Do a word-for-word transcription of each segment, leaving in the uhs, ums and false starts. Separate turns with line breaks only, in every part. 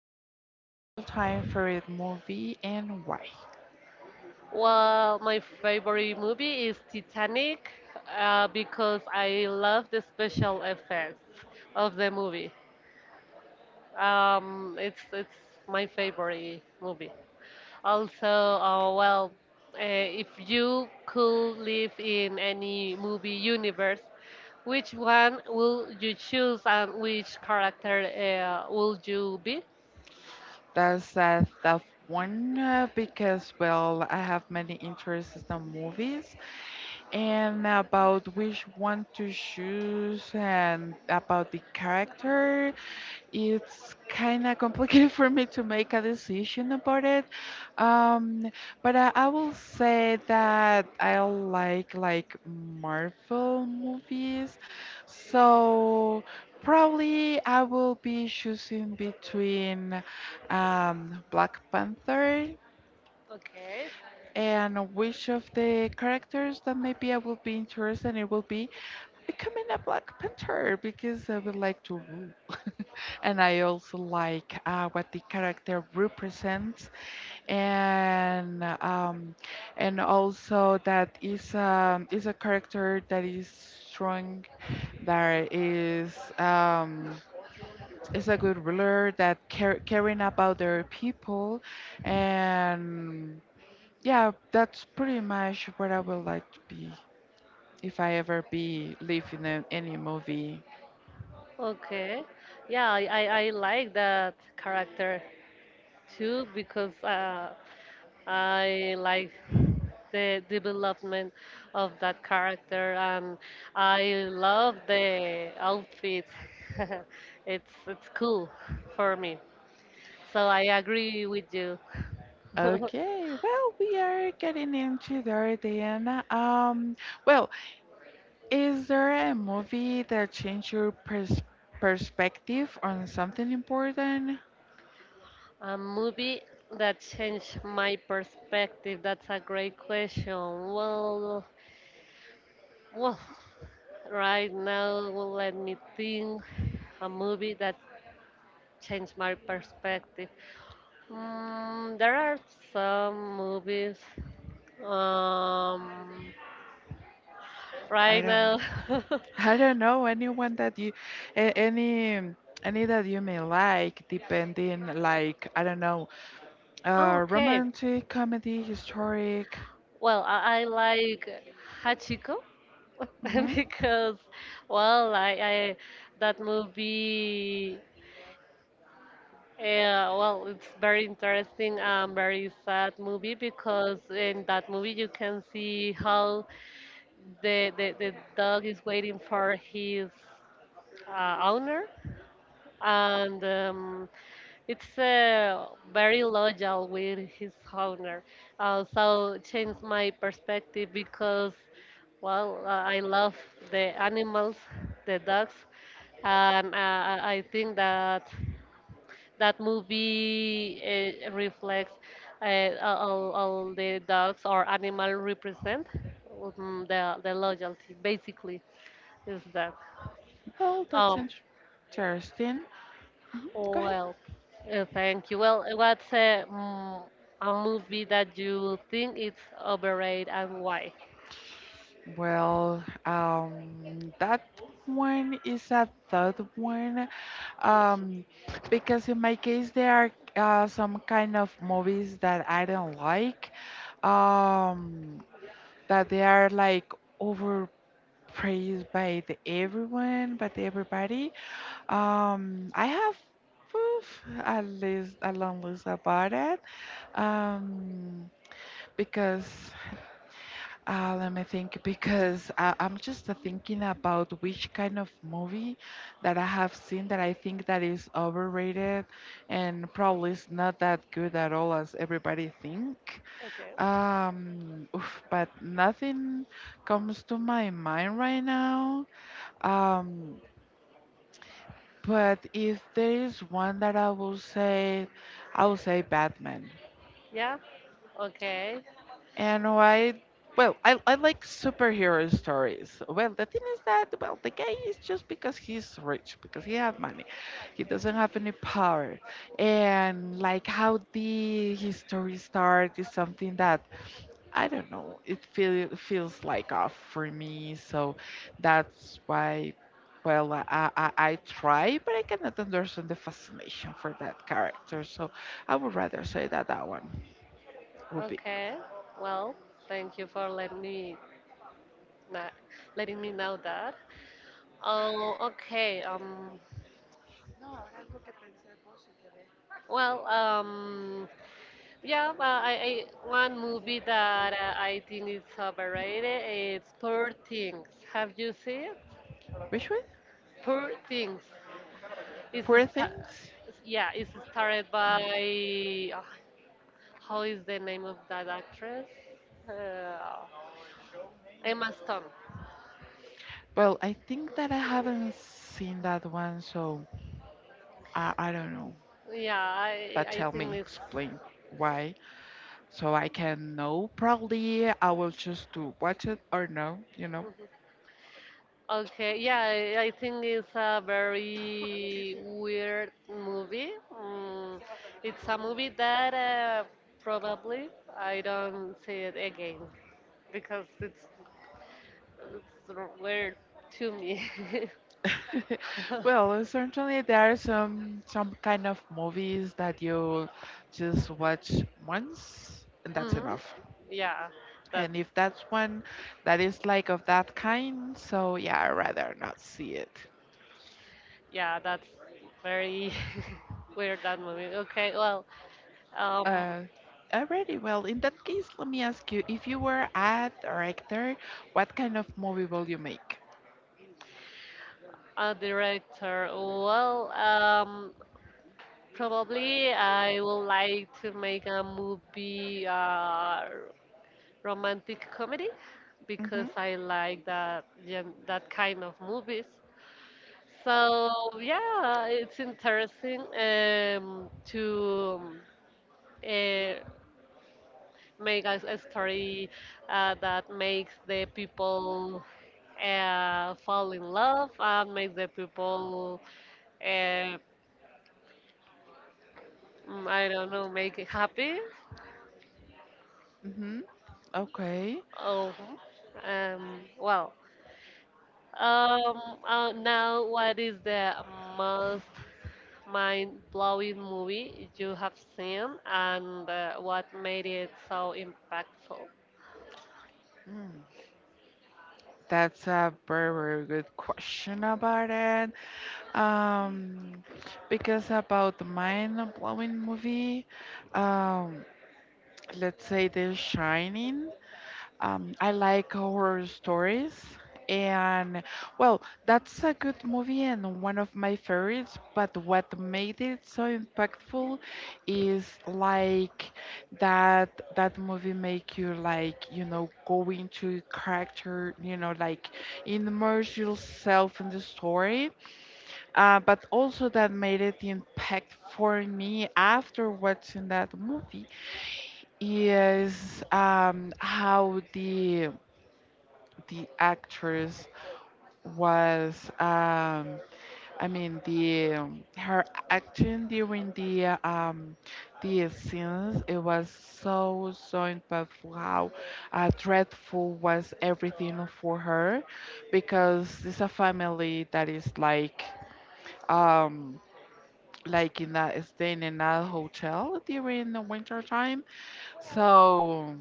What's your all-time favorite movie and why?
Well, my favorite movie is Titanic uh, because I love the special effects of the movie. Um, it's it's my favorite movie. Also, uh, well, uh, if you could live in any movie universe, which one will you choose and which character uh, will you be?
That's a tough one uh, because, well, I have many interests in movies and about which one to choose and about the character. It's kind of complicated for me to make a decision about it. Um, but I, I will say that I like like Marvel movies. So probably I will be choosing between um, Black Panther,
Okay.
and which of the characters that maybe I will be interested in it will be becoming a Black Panther because I would like to rule. And I also like uh, what the character represents, and um, and also that is um, is a character that is strong, that is um, is a good ruler, that care, caring about their people, and yeah, that's pretty much what I would like to be if I ever be live in a, any movie.
Okay. Yeah, I, I, I like that character too because uh, I like the development of that character, and I love the outfit. it's it's cool for me. So I agree with you.
Okay, well, we are getting into there then. Um, well, is there a movie that changed your pers perspective on something important?
A movie that changed my perspective. That's a great question. Well, well, right now, well, let me think. A movie that changed my perspective. Mm, there are some movies um,
I
right
don't,
now.
I don't know anyone that you, a- any, any that you may like, depending, like, I don't know,
Oh,
uh,
okay.
romantic, comedy, historic.
Well, I, I like Hachiko
Hmm.
because, well, I, I that movie. Uh, well, it's very interesting and very sad movie because in that movie you can see how the the, the dog is waiting for his uh, owner and. Um, It's uh, very loyal with his owner. Uh, so changed my perspective because, well, uh, I love the animals, the dogs, and uh, I I think that that movie uh, reflects uh, all, all the dogs or animal represent um, the the loyalty. Basically, is that.
Well, that's
Um,
interesting. Mhm. Go ahead.
Well, uh, thank you. Well, what's a, mm, a movie that you think is overrated and why?
Well, um, that one is a third one, um, because in my case there are uh, some kind of movies that I don't like, um, that they are like overpraised by the everyone, by the everybody. Um, I have oof, a list, a long list about it, um, because Uh, let me think because I, I'm just uh, thinking about which kind of movie that I have seen that I think that is overrated and probably is not that good at all as everybody think.
Okay.
Um, oof, but nothing comes to my mind right now. Um, but if there is one that I will say, I will say Batman.
Yeah? Okay.
And why? Well, I, I like superhero stories. Well, the thing is that, well, the guy is just because he's rich, because he has money. He doesn't have any power. And like how the his story starts is something that, I don't know, it feel, feels like off for me. So that's why, well, I, I, I try, but I cannot understand the fascination for that character. So I would rather say that that one would be.
Okay. Well, thank you for letting me na- letting me know that. Oh, okay. Um. Well, um. Yeah. Uh, I, I one movie that uh, I think is overrated. It's Poor Things. Have you seen it?
Which one?
Poor Things. It's a
Poor
sta-
Things?
yeah, it's started by ah, how is the name of that actress? Uh, Emma Stone.
Well, I think that I haven't seen that one, so I, I don't know.
Yeah, I
But
I
tell
think
me,
it's
explain why, so I can know. Probably I will choose to watch it or no, you know.
okay. Yeah, I I think it's a very weird movie. Mm, it's a movie that uh, probably I don't see it again because it's it's weird to me.
Well, certainly there are some some kind of movies that you just watch once and that's
Hmm.
enough.
Yeah, that
And if that's one that is like of that kind, so yeah, I'd rather not see it.
Yeah, that's very weird that movie. Okay, well, um,
Uh, Already. Well, in that case, let me ask you, if you were a director, what kind of movie will you make?
a director. Well, um, probably I would like to make a movie, uh, romantic comedy,
Mm-hmm.
because I like that gen- that kind of movies. So yeah, it's interesting um, to. Uh, Make a, a story uh, that makes the people uh, fall in love and make the people uh, mm, I don't know make it happy.
Mm-hmm. Okay.
Oh, um, well. Um, uh, Now, what is the most mind-blowing movie you have seen, and uh, what made it so impactful?
Mm. That's a very, very good question about it. Um, because about the mind-blowing movie, um, let's say The Shining. Um, I like horror stories, and well, that's a good movie and one of my favorites. But what made it so impactful is like that that movie make you like you know go into character, you know, like immerse yourself in the story. Uh, but also that made it impact for me after watching that movie is um, how the the actress was um I mean the um, her action during the uh, um the scenes. It was so so impactful how uh, dreadful was everything for her because it's a family that is like um like in that staying in that hotel during the winter time. So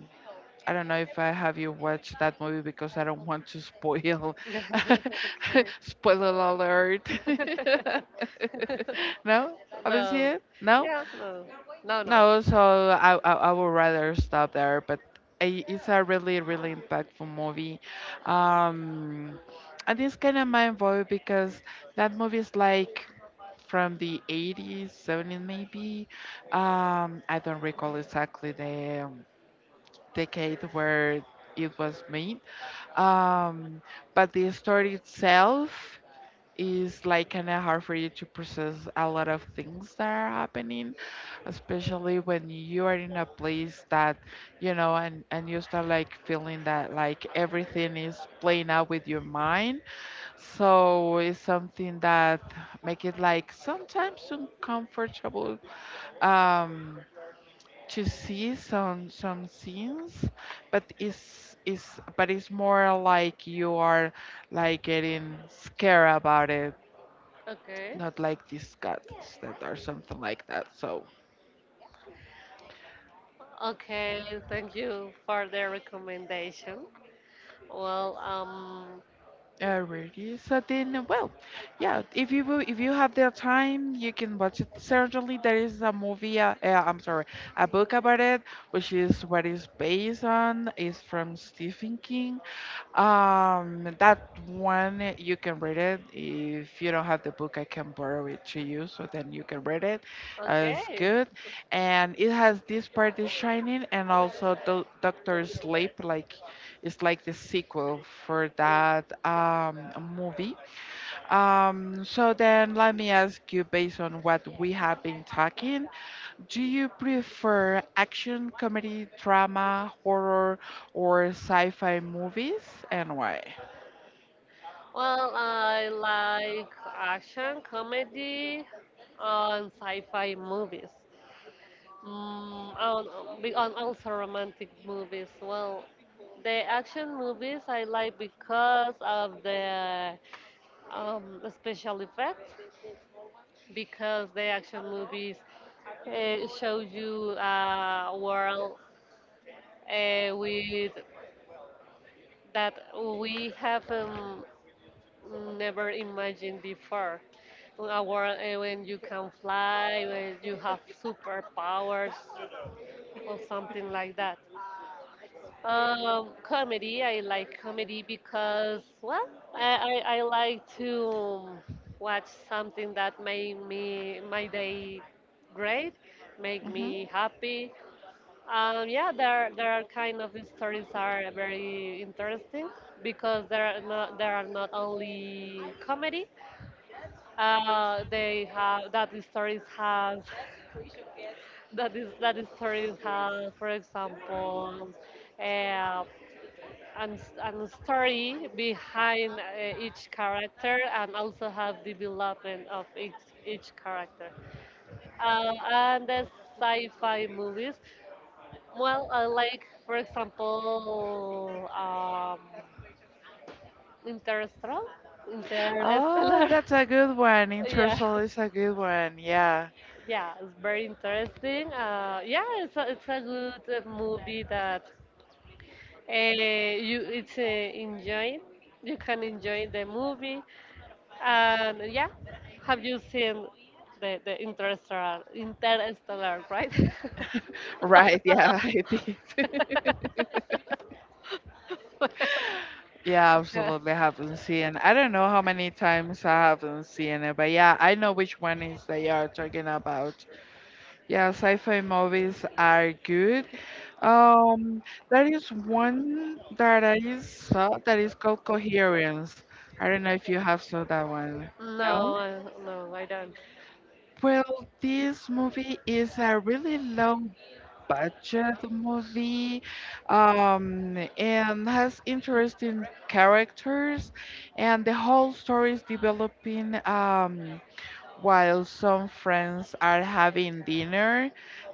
I don't know if I have you watch that movie because I don't want to spoil. Spoiler alert.
Okay.
No? Haven't seen
No.
it? No?
Yeah, no. No, no.
No, so I, I, I would rather stop there, but i- it's a really, really impactful movie. Um, and it's kind of mind blowing because that movie is like from the eighties, seventies maybe. Um, I don't recall exactly the decade where it was made. Um, but the story itself is like kind of hard for you to process a lot of things that are happening, especially when you are in a place that you know, and and you start like feeling that like everything is playing out with your mind. So it's something that make it like sometimes uncomfortable. Um, to see some some scenes, but it's it's but it's more like you are like getting scared about it,
Okay.
not like disgusted or something like that. So
Okay, thank you for the recommendation. Well, um,
uh, really, so then well, yeah, if you will- if you have the time you can watch it. Certainly there is a movie uh, uh, I'm sorry, a book about it, which is what is based on, is from Stephen King. Um, that one eh, you can read it. If you don't have the book, I can borrow it to you, so then you can read it. Uh, it's
okay.
good, and it has this part is Shining, and also Do- Doctor Sleep. Like, it's like the sequel for that um movie. Um, so then let me ask you, based on what we have been talking, do you prefer action, comedy, drama, horror, or sci-fi movies, and why?
Well, I like action, comedy, and sci-fi movies. Mm, and, um, be- and also romantic movies. Well, the action movies I like because of the um, special effects because the action movies uh, show you a world uh, with that we have um, never imagined before. A world uh, when you can fly, when you have superpowers, or something like that. Um, comedy. I like comedy because, well, I, I, I like to um, watch something that make me my day great, make
Hmm.
me happy. Um, yeah, there there are kind of stories are very interesting because there are not there are not only comedy. Uh, they have that the stories has that is that the stories have, for example, uh, and, s- and story behind uh, each character and also have the development of each, each character. Uh, and the sci-fi movies, well, I like, for example, um, Interstellar.
Oh,
Interstellar.
that's a good one.
Yeah,
Intercell is a good one. Yeah.
yeah, it's very interesting. Uh, yeah, it's a, it's a good uh, movie that uh, you it's uh, enjoying. You can enjoy the movie. And yeah, have you seen the, the interstellar, interstellar, right?
Right. Yeah, I did. Yeah,
Yeah.
absolutely. I haven't seen. I don't know how many times I haven't seen it, but yeah, I know which one is they are talking about. Yeah, sci-fi movies are good. Um, there is one that I saw that is called Coherence. I don't know if you have saw that one.
no,
No?
I- no, I don't.
Well, this movie is a really long budget movie um, and has interesting characters, and the whole story is developing um, while some friends are having dinner.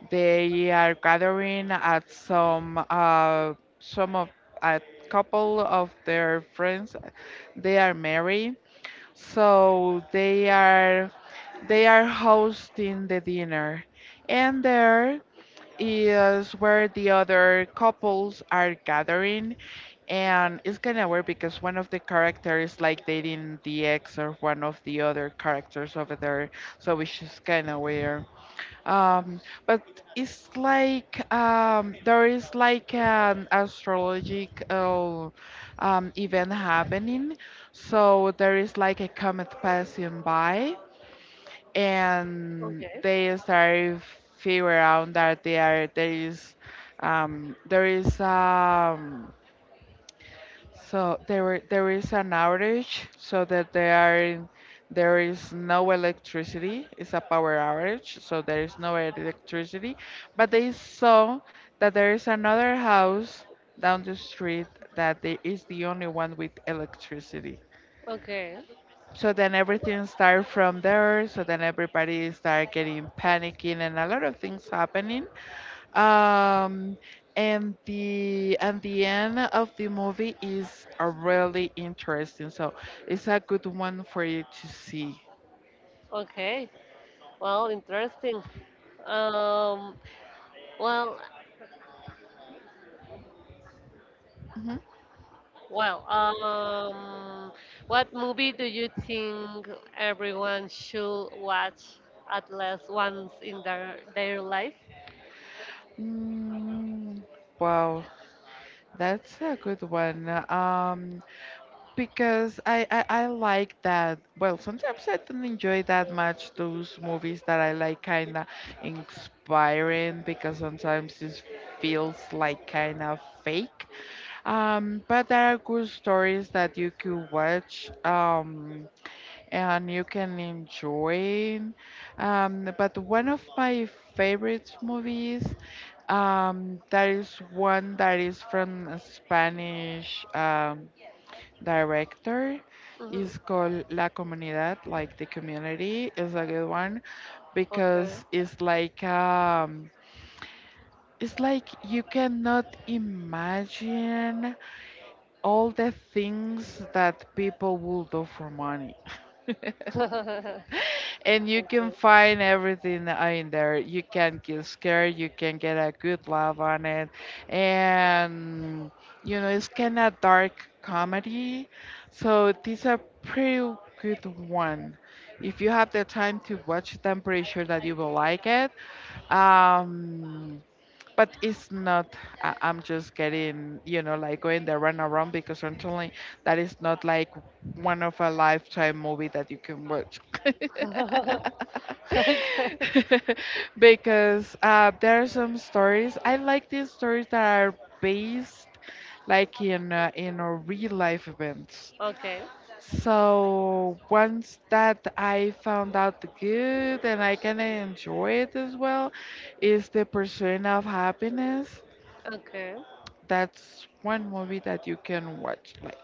They are gathering at some uh, some of a couple of their friends. They are married, so they are they are hosting the dinner, and there is where the other couples are gathering. And it's kind of weird because one of the characters is like dating the ex or one of the other characters over there, so which is kind of weird. Um, but it's like um there is like an astrological um event happening, so there is like a comet passing by, and
Okay.
they start figure out that they are there is um, there is um, so there were- there is an outage, so that they are there is no electricity, it's a power outage, so there is no electricity. But they saw that there is another house down the street that they, is the only one with electricity.
Okay.
So then everything started from there, so then everybody started getting panicking and a lot of things happening. Um, and the and the end of the movie is a really interesting, so it's a good one for you to see.
Okay. Well, interesting. Um, well,
Mhm.
well, um, what movie do you think everyone should watch at least once in their their life?
Mm. Wow, that's a good one. Um, because I, I I like that. Well, sometimes I don't enjoy that much those movies that I like kind of inspiring because sometimes it feels like kind of fake. Um, but there are good stories that you can watch um, and you can enjoy. Um, but one of my favorite movies um, that is one that is from a Spanish. Um, director
Mm-hmm.
is called La Comunidad, like the community, is a good one
Okay.
because it's like um it's like you cannot imagine all the things that people will do for money. And you can
Okay.
find everything in there. You can get scared, you can get a good laugh on it. And, you know, it's kind of dark comedy. So, this is a pretty good one. If you have the time to watch it, I'm pretty sure that you will like it. Um, but it's not, I- I'm just getting you know like going the run around because certainly that is not like one of a lifetime movie that you can watch.
Okay.
Because uh, there are some stories I like these stories that are based like in uh, in uh, real life events.
Okay.
So once that I found out the good and I can enjoy it as well, is The Pursuit of Happiness.
Okay.
That's one movie that you can watch like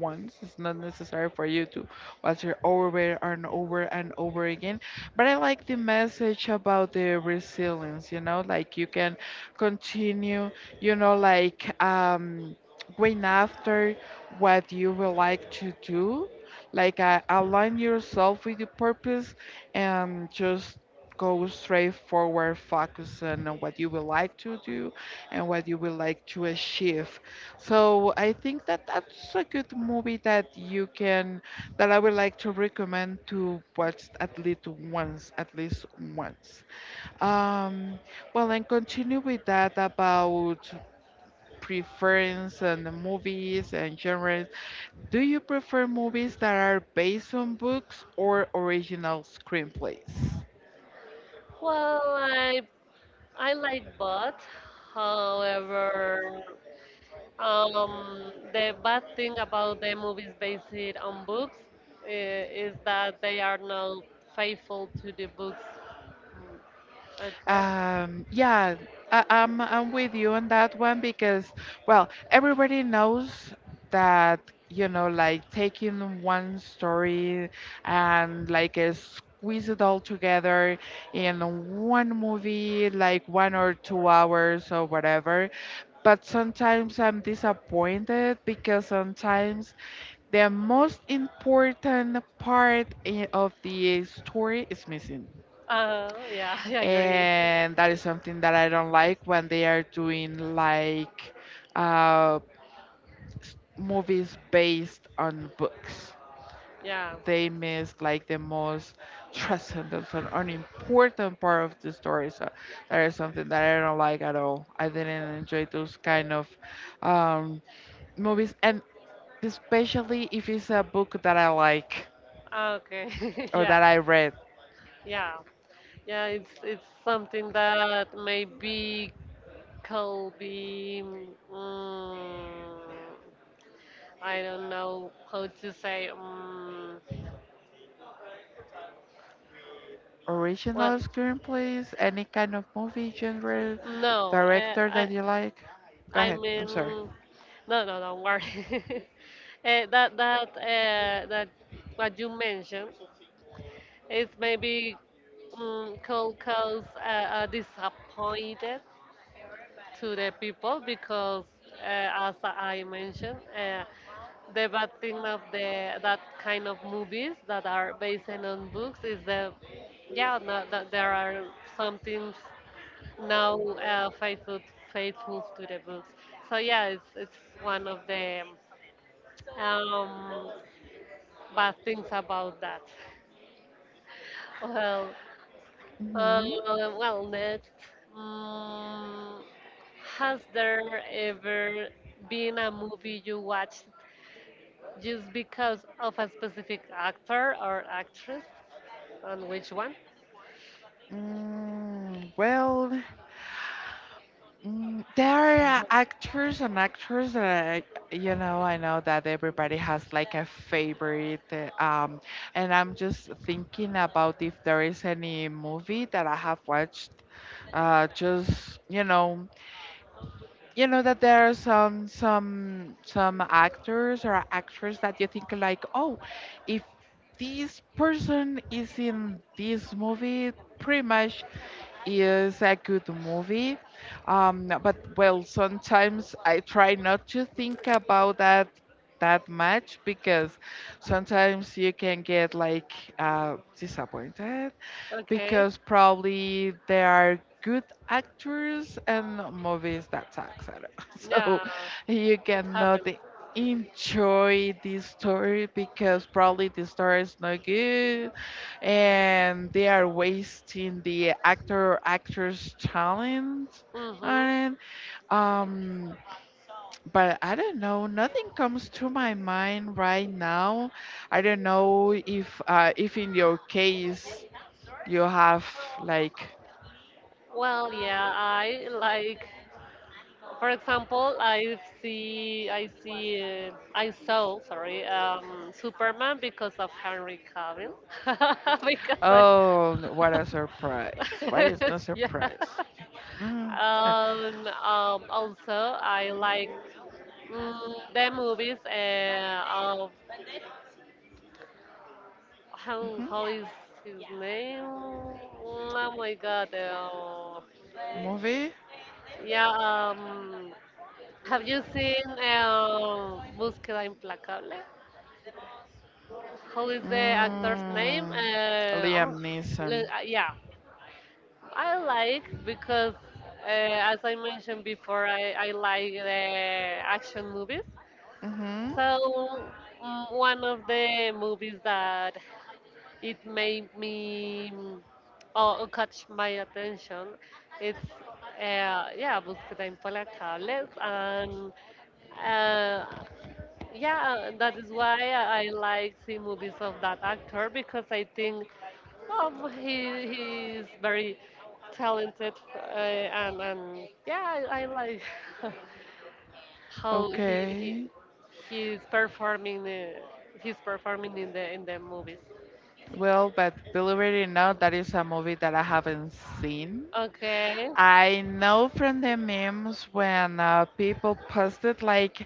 once. It's not necessary for you to watch it over and over and over again. But I like the message about the resilience, you know, like you can continue, you know, like um going after what you would like to do. Like uh, align yourself with the purpose, and just go straight forward focusing on what you would like to do and what you would like to achieve. So I think that that's a good movie that you can that I would like to recommend to watch at least once, at least once. Um, well, and continue with that about preference and the movies and genres. Do you prefer movies that are based on books or original screenplays?
Well, I I like both. However, um, the bad thing about the movies based on books uh, is that they are not faithful to the books. Mm, Okay.
Um, yeah, I, I'm I'm with you on that one because, well, everybody knows that, you know, like taking one story and like uh, squeeze it all together in one movie, like one or two hours or whatever. But sometimes I'm disappointed because sometimes the most important part i- of the story is missing,
Uh, yeah, I agree.
and that is something that I don't like when they are doing like uh, s- movies based on books.
Yeah.
They miss like the most transcendent and an important part of the story. So that is something that I don't like at all. I didn't enjoy those kind of um, movies, and especially if it's a book that I like
Okay.
or
Yeah.
that I read.
Yeah. Yeah. It's it's something that maybe Colby. Mm, I don't know how to say. Mm, well,
Original screenplays, any kind of movie genre,
no, uh,
director
I
that you like? Go
I
ahead, I'm
mean,
sorry.
no, no, don't worry. uh, that that uh, that what you mentioned is maybe, um, could cause uh, a disappointed to the people because, uh, as I mentioned. Uh, the bad thing of the that kind of movies that are based on books is that yeah no, that there are some things now uh, faithful faithful to the books, so yeah, it's it's one of the um, bad things about that. Well, uh,
Hmm.
well, next, um, has there ever been a movie you watched just because of a specific actor or actress? On which one?
Mm, well, mm, there are actors and actors that I, you know, I know that everybody has like a favorite. Uh, Um, and I'm just thinking about if there is any movie that I have watched, uh, just, you know, you know that there are some some some actors or actors that you think like, oh, if this person is in this movie, pretty much is a good movie. Um, but well, sometimes I try not to think about that that much because sometimes you can get like uh, disappointed
Okay.
because probably there are good actors and movies that sucks. I don't know.
Yeah,
So you
it
cannot
happened.
enjoy this story because probably the story is not good and they are wasting the actor or actress talent
Mm-hmm.
on it. Um, but I don't know. Nothing comes to my mind right now. I don't know if uh, if in your case you have like,
Well, yeah, I like, for example, I see, I see, uh, I saw, sorry, um, Superman because of Henry Cavill, because I,
oh, what a surprise! What is the
yeah.
surprise? Mm.
Um, um, also, I like, mm, the movies uh, of how
Hmm.
how is his name? Oh my God! Uh,
Movie?
yeah. Um, have you seen uh, Búsqueda Implacable? How is the actor's name?
Mm.
Uh, oh,
Liam Neeson.
le- uh, yeah, I like because uh, as I mentioned before, I, I like the action movies.
Hmm.
So, mm, one of the movies that it made me, mm, oh, catch my attention. It's uh, yeah, Búsqueda Implacables, and uh, yeah, that is why I like the movies of that actor because I think um, he he is very talented uh, and and yeah, I, I like how he he
Okay.
he's performing uh, he's performing in the in the movies.
Well, but believe it or not, that is a movie that I haven't seen.
Okay,
I know from the memes when uh, people posted like,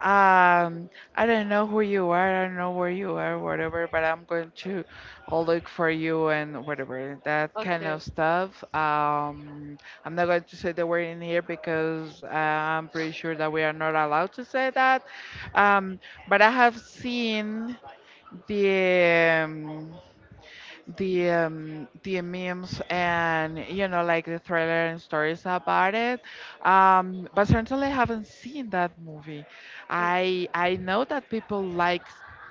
um, I don't know who you are, I don't know where you are, whatever, but I'm going to look for you and whatever, that kind
okay.
of stuff. Um, I'm not going to say the word in here because uh, I'm pretty sure that we are not allowed to say that. Um, but I have seen the Um, the um, the memes, and you know, like the trailer and stories about it, um, but certainly I haven't seen that movie. I I know that people like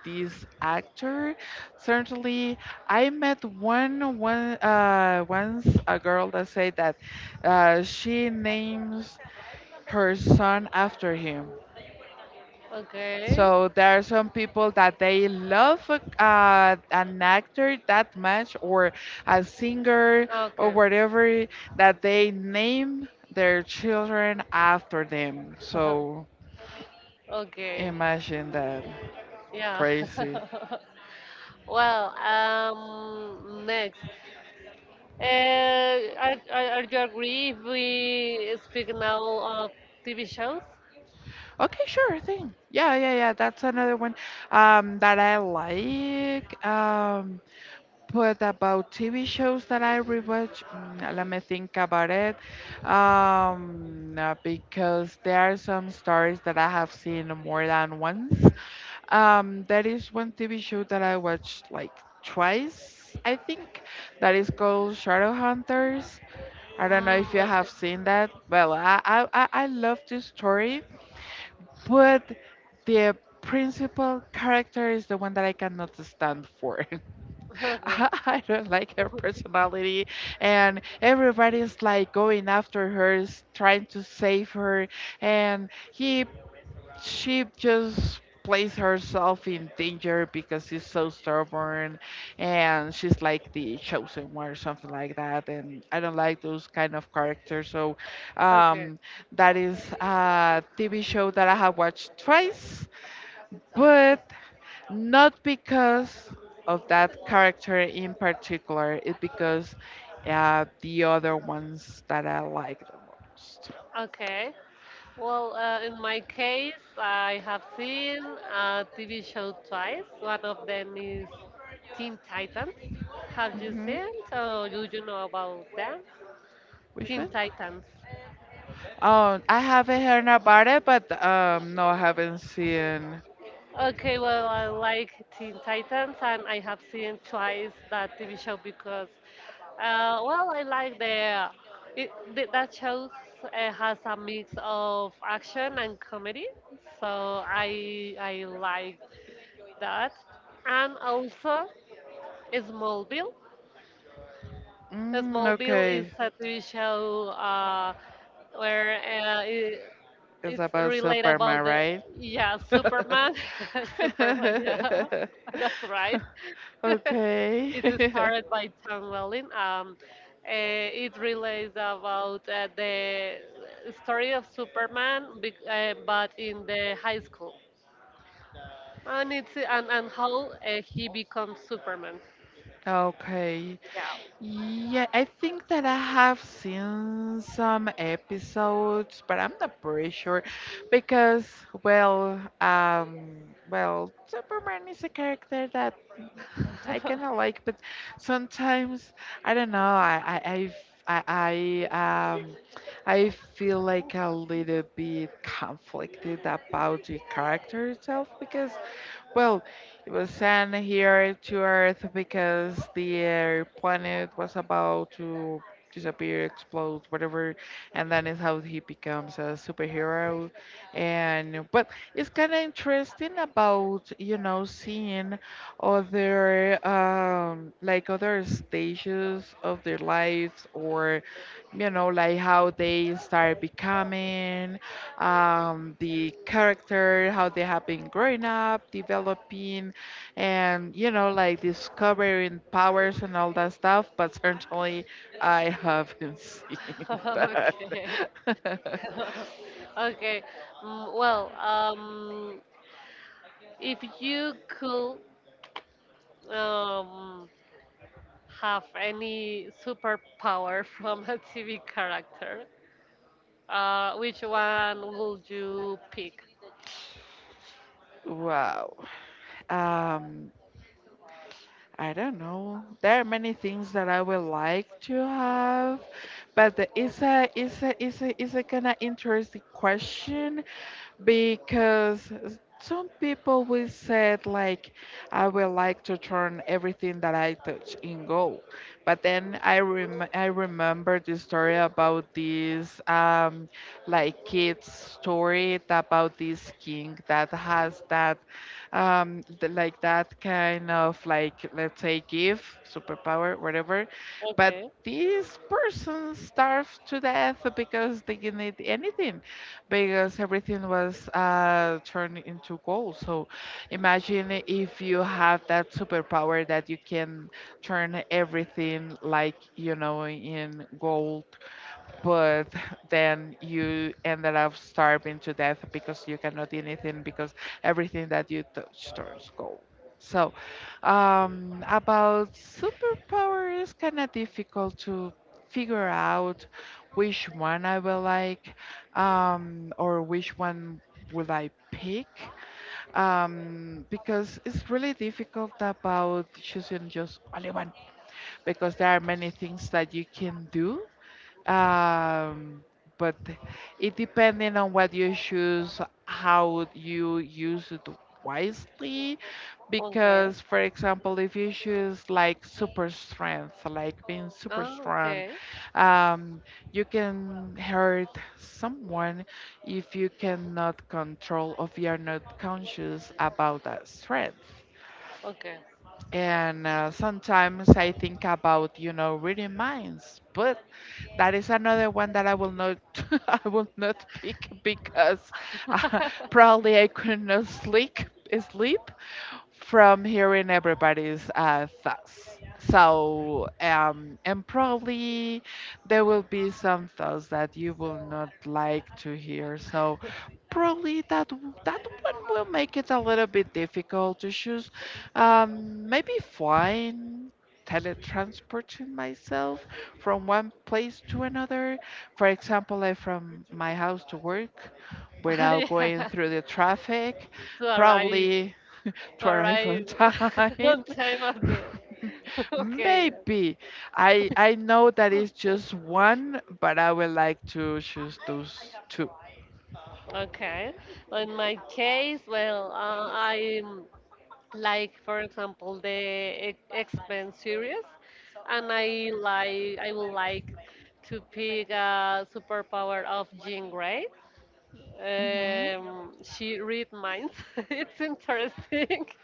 this actor. Certainly, I met one one uh, once a girl that said that uh, she names her son after him,
Okay.
so there are some people that they love uh, an actor that much, or a singer, or
Okay.
whatever, that they name their children after them. So
Okay.
imagine that.
Yeah.
Crazy.
Well, um, next. Uh, are, are, are you agree if we speak now of T V shows?
Okay, sure thing. Yeah, yeah, yeah. That's another one um, that I like. Um, But about T V shows that I rewatch, mm, let me think about it. Um, uh, because there are some stories that I have seen more than once. Um, there is one T V show that I watched like twice, I think, that is called Shadowhunters. I don't know
Mm,
if you have seen that. Well, I, I, I I love this story, but the principal character is the one that I cannot stand for.
okay.
I don't like her personality, and everybody's like going after her, s- trying to save her, and he she just places herself in danger because she's so stubborn, and she's like the chosen one or something like that, and I don't like those kind of characters. so
Okay.
um that is a TV show that I have watched twice,
Okay.
but not because of that character in particular, it's because uh, the other ones that I like the most.
Okay. Well, uh, in my case, I have seen a T V show twice. One of them is Teen Titans. Have you
Hmm.
seen? So do you know about them?
Which
Teen
one?
Titans.
Oh, I haven't heard about it, but um, no, I haven't seen.
Okay, well, I like Teen Titans, and I have seen twice that T V show because, uh, well, I like the it, th- that show uh, has a mix of action and comedy, so I I like that, and also Smallville.
Mm,
Smallville is
okay,
a T V show uh, where uh, I
it's
it's
about
relate about
Superman,
the,
right?
yeah, Superman, Superman. Yeah, that's right.
Okay.
It is started by Tom Welling. Um, eh, it relates about uh, the story of Superman, bec- uh, but in the high school, and it's and and how uh, he becomes Superman.
Okay.
Yeah.
Yeah, I think that I have seen some episodes, but I'm not pretty sure because, well, um, well, Superman is a character that I kind of like, but sometimes I don't know. I, I, I, f- I, I, um, I feel like a little bit conflicted about the character itself because, well, it was sent here to Earth because the uh, planet was about to disappear, explode, whatever, and that is how he becomes a superhero. And but it's kind of interesting about, you know, seeing other um like other stages of their lives, or you know, like how they start becoming um, the character, how they have been growing up, developing, and you know, like discovering powers and all that stuff. But certainly, I haven't seen that.
Okay. Okay. Mm, well, um, if you could um, have any superpower from a T V character, uh, which one would you pick?
Wow. Um, I don't know. There are many things that I would like to have, but the- it's a it's a it's a it's a kind of interesting question because some people will say like, I would like to turn everything that I touch in gold, but then i rem- i remember the story about this um like kid's story about this king that has that um th- like that kind of like, let's say, gift, superpower, whatever, but
Okay,
this person starved to death because they didn't eat anything because everything was uh, turned into gold. So imagine if you have that superpower that you can turn everything, like, you know, in gold, but then you ended up starving to death because you cannot eat anything because everything that you touch turns gold. So, um, about superpower is kind of difficult to figure out which one I will like, um, or which one would I pick, um, because it's really difficult about choosing just only one, because there are many things that you can do, um, but it depending on what you choose, how you use it wisely.
okay,
Because, for example, if you choose like super strength, like being super
ah,
strong,
okay,
um, you can hurt someone if you cannot control or you are not conscious about that strength.
okay.
And uh, sometimes I think about, you know, reading minds, but that is another one that I will not I will not pick because uh, probably I could not sleep sleep from hearing everybody's uh, thoughts. So, um, and probably there will be some thoughts that you will not like to hear. So, probably that w- that one will make it a little bit difficult to choose. Um, maybe flying, teletransporting myself from one place to another. For example, like from my house to work without going
Yeah,
through the traffic.
to arrive,
Probably to
to
arrive on
arrive
time.
on time of the. Okay.
Maybe. I I know that
Yeah.
it's just one, but I would like to choose those two.
Okay. In my case, well, uh, I like for example the X-Men series, and I like I would like to pick a superpower of Jean Grey, um, she read minds. It's interesting.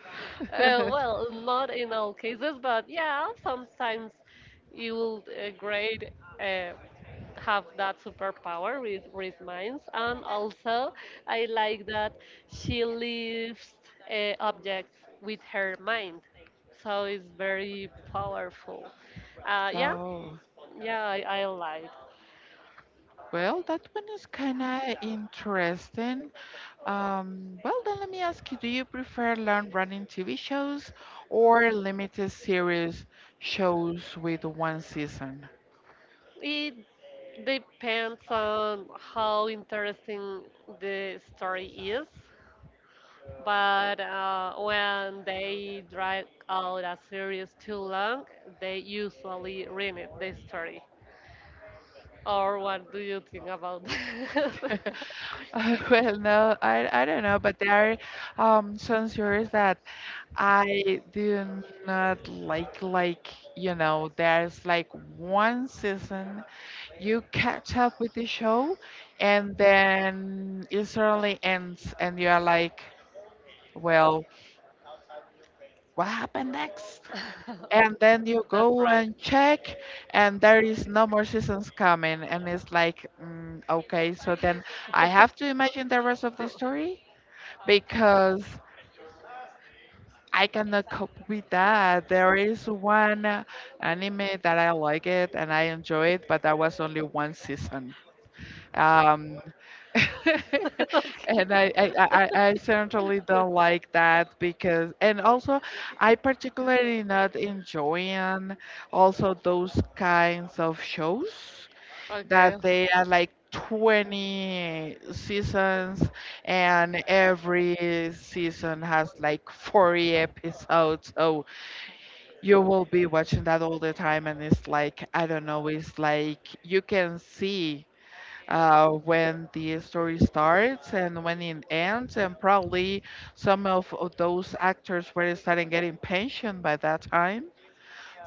Uh, well, not in all cases, but yeah, sometimes you will uh, grade uh, have that superpower with read minds, and also I like that she lifts uh, objects with her mind, so it's very powerful. Uh, yeah,
Oh.
yeah, I, I like.
Well, that one is kind of interesting. Um, well, then let me ask you, do you prefer long-running T V shows or limited series shows with one season?
It depends on how interesting the story is, but uh, when they drag out a series too long, they usually ruin it, the story. Or what do you think about that?
Uh, well, no, I, I don't know, but there are um, some series that I do not like. Like, you know, there's like one season, you catch up with the show, and then it suddenly ends, and you are like, well, what happened next? And then you
That's
go
right.
and check, and there is no more seasons coming, and it's like, mm, okay, so then I have to imagine the rest of the story because I cannot cope with that. There is one uh, anime that I like it and I enjoy it, but that was only one season. um
Okay.
And I, I, I, I I certainly don't like that because, and also, I particularly not enjoying also those kinds of shows
Okay.
that they are like twenty seasons and every season has like forty episodes. So you will be watching that all the time, and it's like, I don't know, it's like you can see uh, when the story starts and when it ends, and probably some of of those actors were starting getting pension by that time.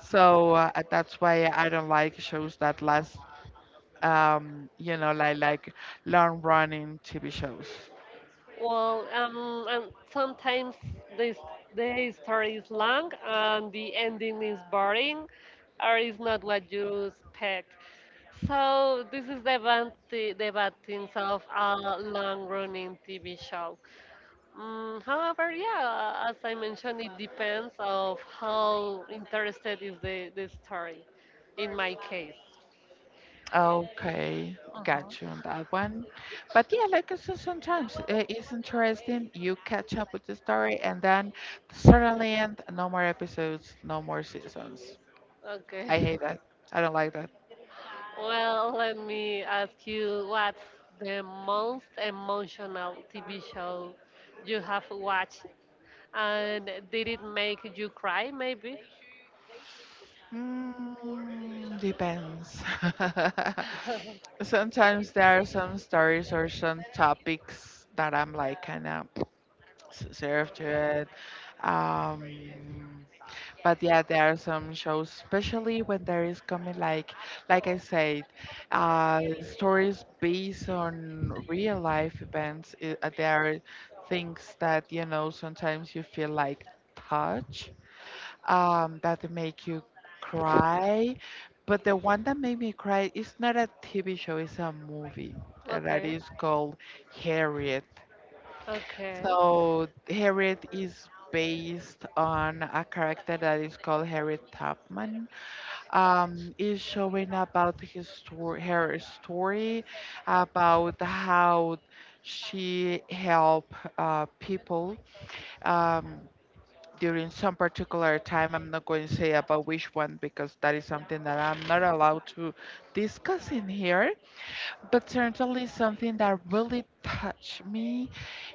So uh, that's why I don't like shows that last, um, you know, like like long running T V shows.
Well, um, and sometimes this the story is long and the ending is boring, or is not what you expect. So this is the bad, thi- the bad things of a long-running T V show. Mm, however, yeah, as I mentioned, it depends of how interested is the, the story. In my case.
Okay, got you
Mhm.
on that one. But yeah, like I said, sometimes uh, it's interesting. You catch up with the story, and then suddenly, and no more episodes, no more seasons. I
Okay.
hate that. I don't like that.
Well, let me ask you what's the most emotional T V show you have watched? And did it make you cry, maybe?
Mm, depends. Sometimes there are some stories or some topics that I'm like kind of served to it. Um, but yeah, there are some shows, especially when there is coming like, like I said, uh, stories based on real life events. I- uh, there are things that, you know, sometimes you feel like touch um, that make you cry. But the one that made me cry is not a T V show, it's a movie uh, that
Okay,
is called Harriet.
okay,
So Harriet is based on a character that is called Harriet Tubman. Um, is showing about his story, her story about how she helped uh, people. Um, During some particular time. I'm not going to say about which one because that is something that I'm not allowed to discuss in here, but certainly something that really touched me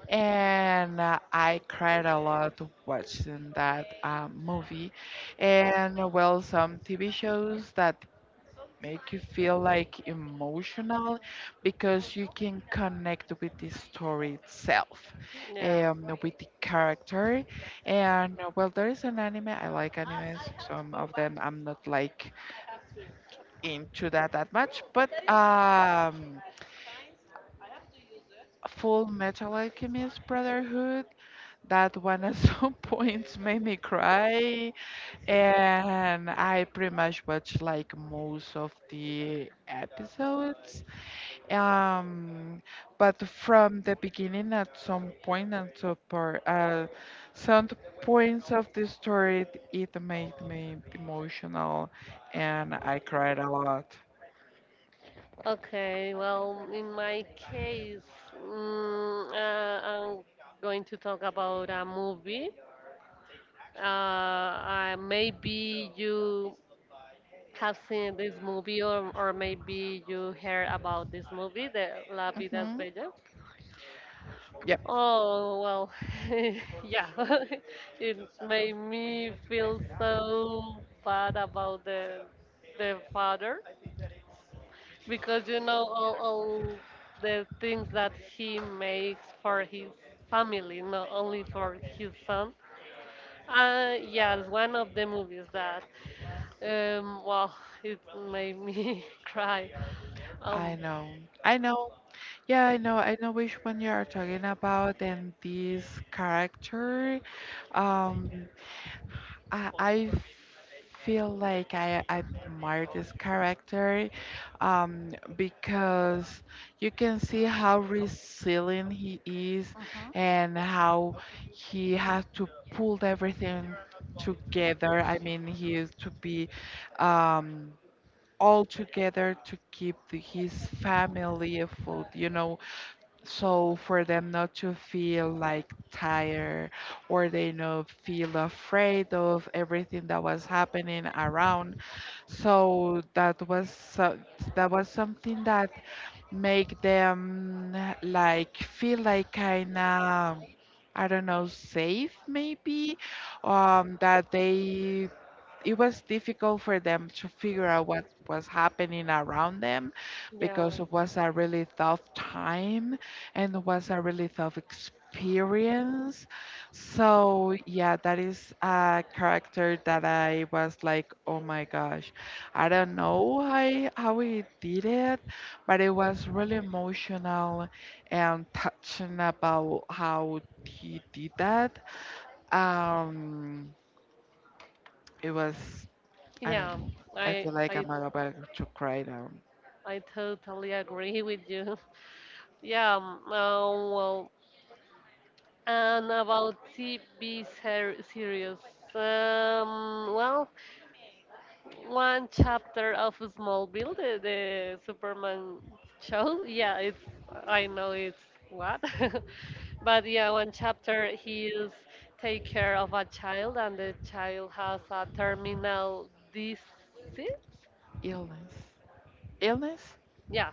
and uh, I cried a lot watching that uh, movie. And uh, well, some T V shows that make you feel like emotional because you can connect with the story itself,
yeah.
um, with the character, and uh, well, there is an anime. I like animes. Some of them I'm not like into that that much, but um Full Metal Alchemist Brotherhood, that one at some points made me cry, and I pretty much watched like most of the episodes. Um, but from the beginning, at some point, at some part, uh, some points of the story, it, it made me emotional, and I cried a lot.
Okay, well, in my case, mm, uh, I'm going to talk about a movie. Uh, uh, maybe you have seen this movie, or, or maybe you heard about this movie, the La Vida es
Hmm.
Bella.
Yep,
Oh, well, yeah. It made me feel so bad about the the father because you know all, all the things that he makes for his family, not only for his son. Uh, yeah, it's one of the movies that, um, well, it made me cry. Um,
I know. I know. Yeah, I know. I know which one you are talking about, and this character. Um, I, I feel like I, I admire this character, um, because you can see how resilient he is
hmm,
and how he has to pull everything together. I mean, he is to be, um, all together to keep the, his family afloat. You know, so for them not to feel like tired or they know feel afraid of everything that was happening around, so that was so, that was something that make them like feel like kind of, I don't know, safe maybe, um that they, it was difficult for them to figure out what was happening around them,
yeah,
because it was a really tough time and it was a really tough experience. So, yeah, that is a character that I was like, oh my gosh, I don't know how, how he did it, but it was really emotional and touching about how he did that. Um, it was, I don't
yeah,
know. I
I,
feel like
I,
I'm about to cry now.
I totally agree with you. Yeah, um, uh, well, and about T V ser series. Um, well, one chapter of Smallville, the, the Superman show. Yeah, it's, I know it's what. But yeah, one chapter he is take care of a child and the child has a terminal disease.
Illness. Illness?
Yeah,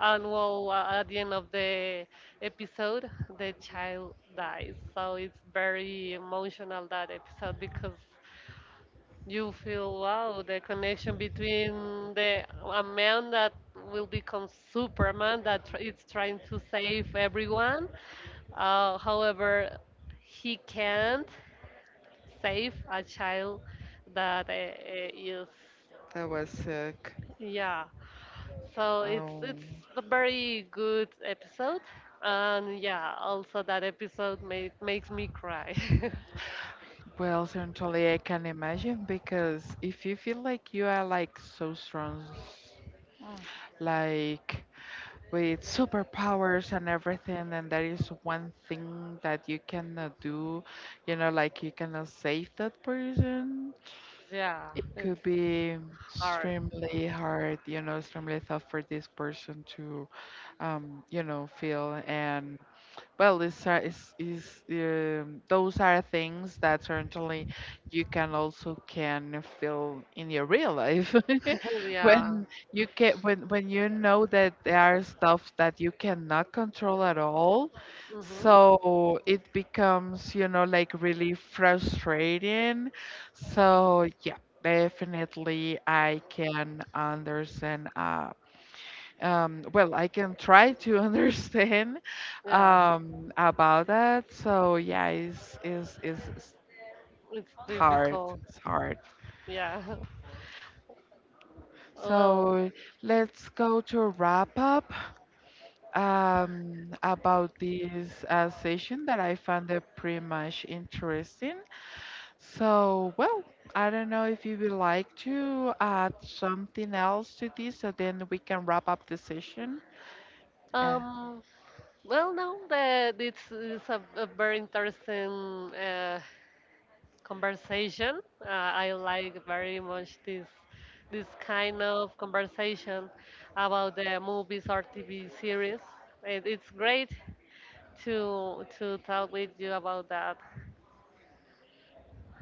and well, uh, at the end of the episode, the child dies. So it's very emotional that episode because you feel wow the connection between the a man that will become Superman that tr- it's trying to save everyone. Uh, however, he can't save a child that uh, uh, is
I was sick.
yeah. So it's it's
Um,
a very good episode, and yeah, also that episode made makes me cry.
well, certainly I can imagine, because if you feel like you are like so strong, like with superpowers and everything, and there is one thing that you cannot do, you know, like you cannot save that person,
Yeah,
it
it's
could be
hard.
extremely hard, you know, extremely tough for this person to, um, you know, feel. And well, this are, is is um, those are things that certainly you can also can feel in your real life
Yeah.
when you can when when you know that there are stuff that you cannot control at all.
Hmm.
So it becomes, you know, like really frustrating. So yeah, definitely I can understand. Uh, um, well, I can try to understand
Yeah,
um, about that. So yeah, it's, it's, it's it's
it's
hard.
difficult.
It's hard.
Yeah. Well,
So let's go to wrap up um, about this uh, session that I found it pretty much interesting. So well, I don't know if you would like to add something else to this, so then we can wrap up the session. Uh,
um, well, no, that it's, it's a, a very interesting uh, conversation. Uh, I like very much this this kind of conversation about the movies or T V series. It, it's great to to talk with you about that.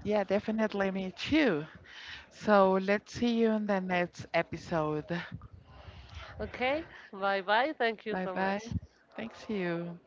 yeah, definitely me too. So let's see you in the next episode.
Okay, bye bye. Thank you
Bye
so
bye.
much.
Thanks you.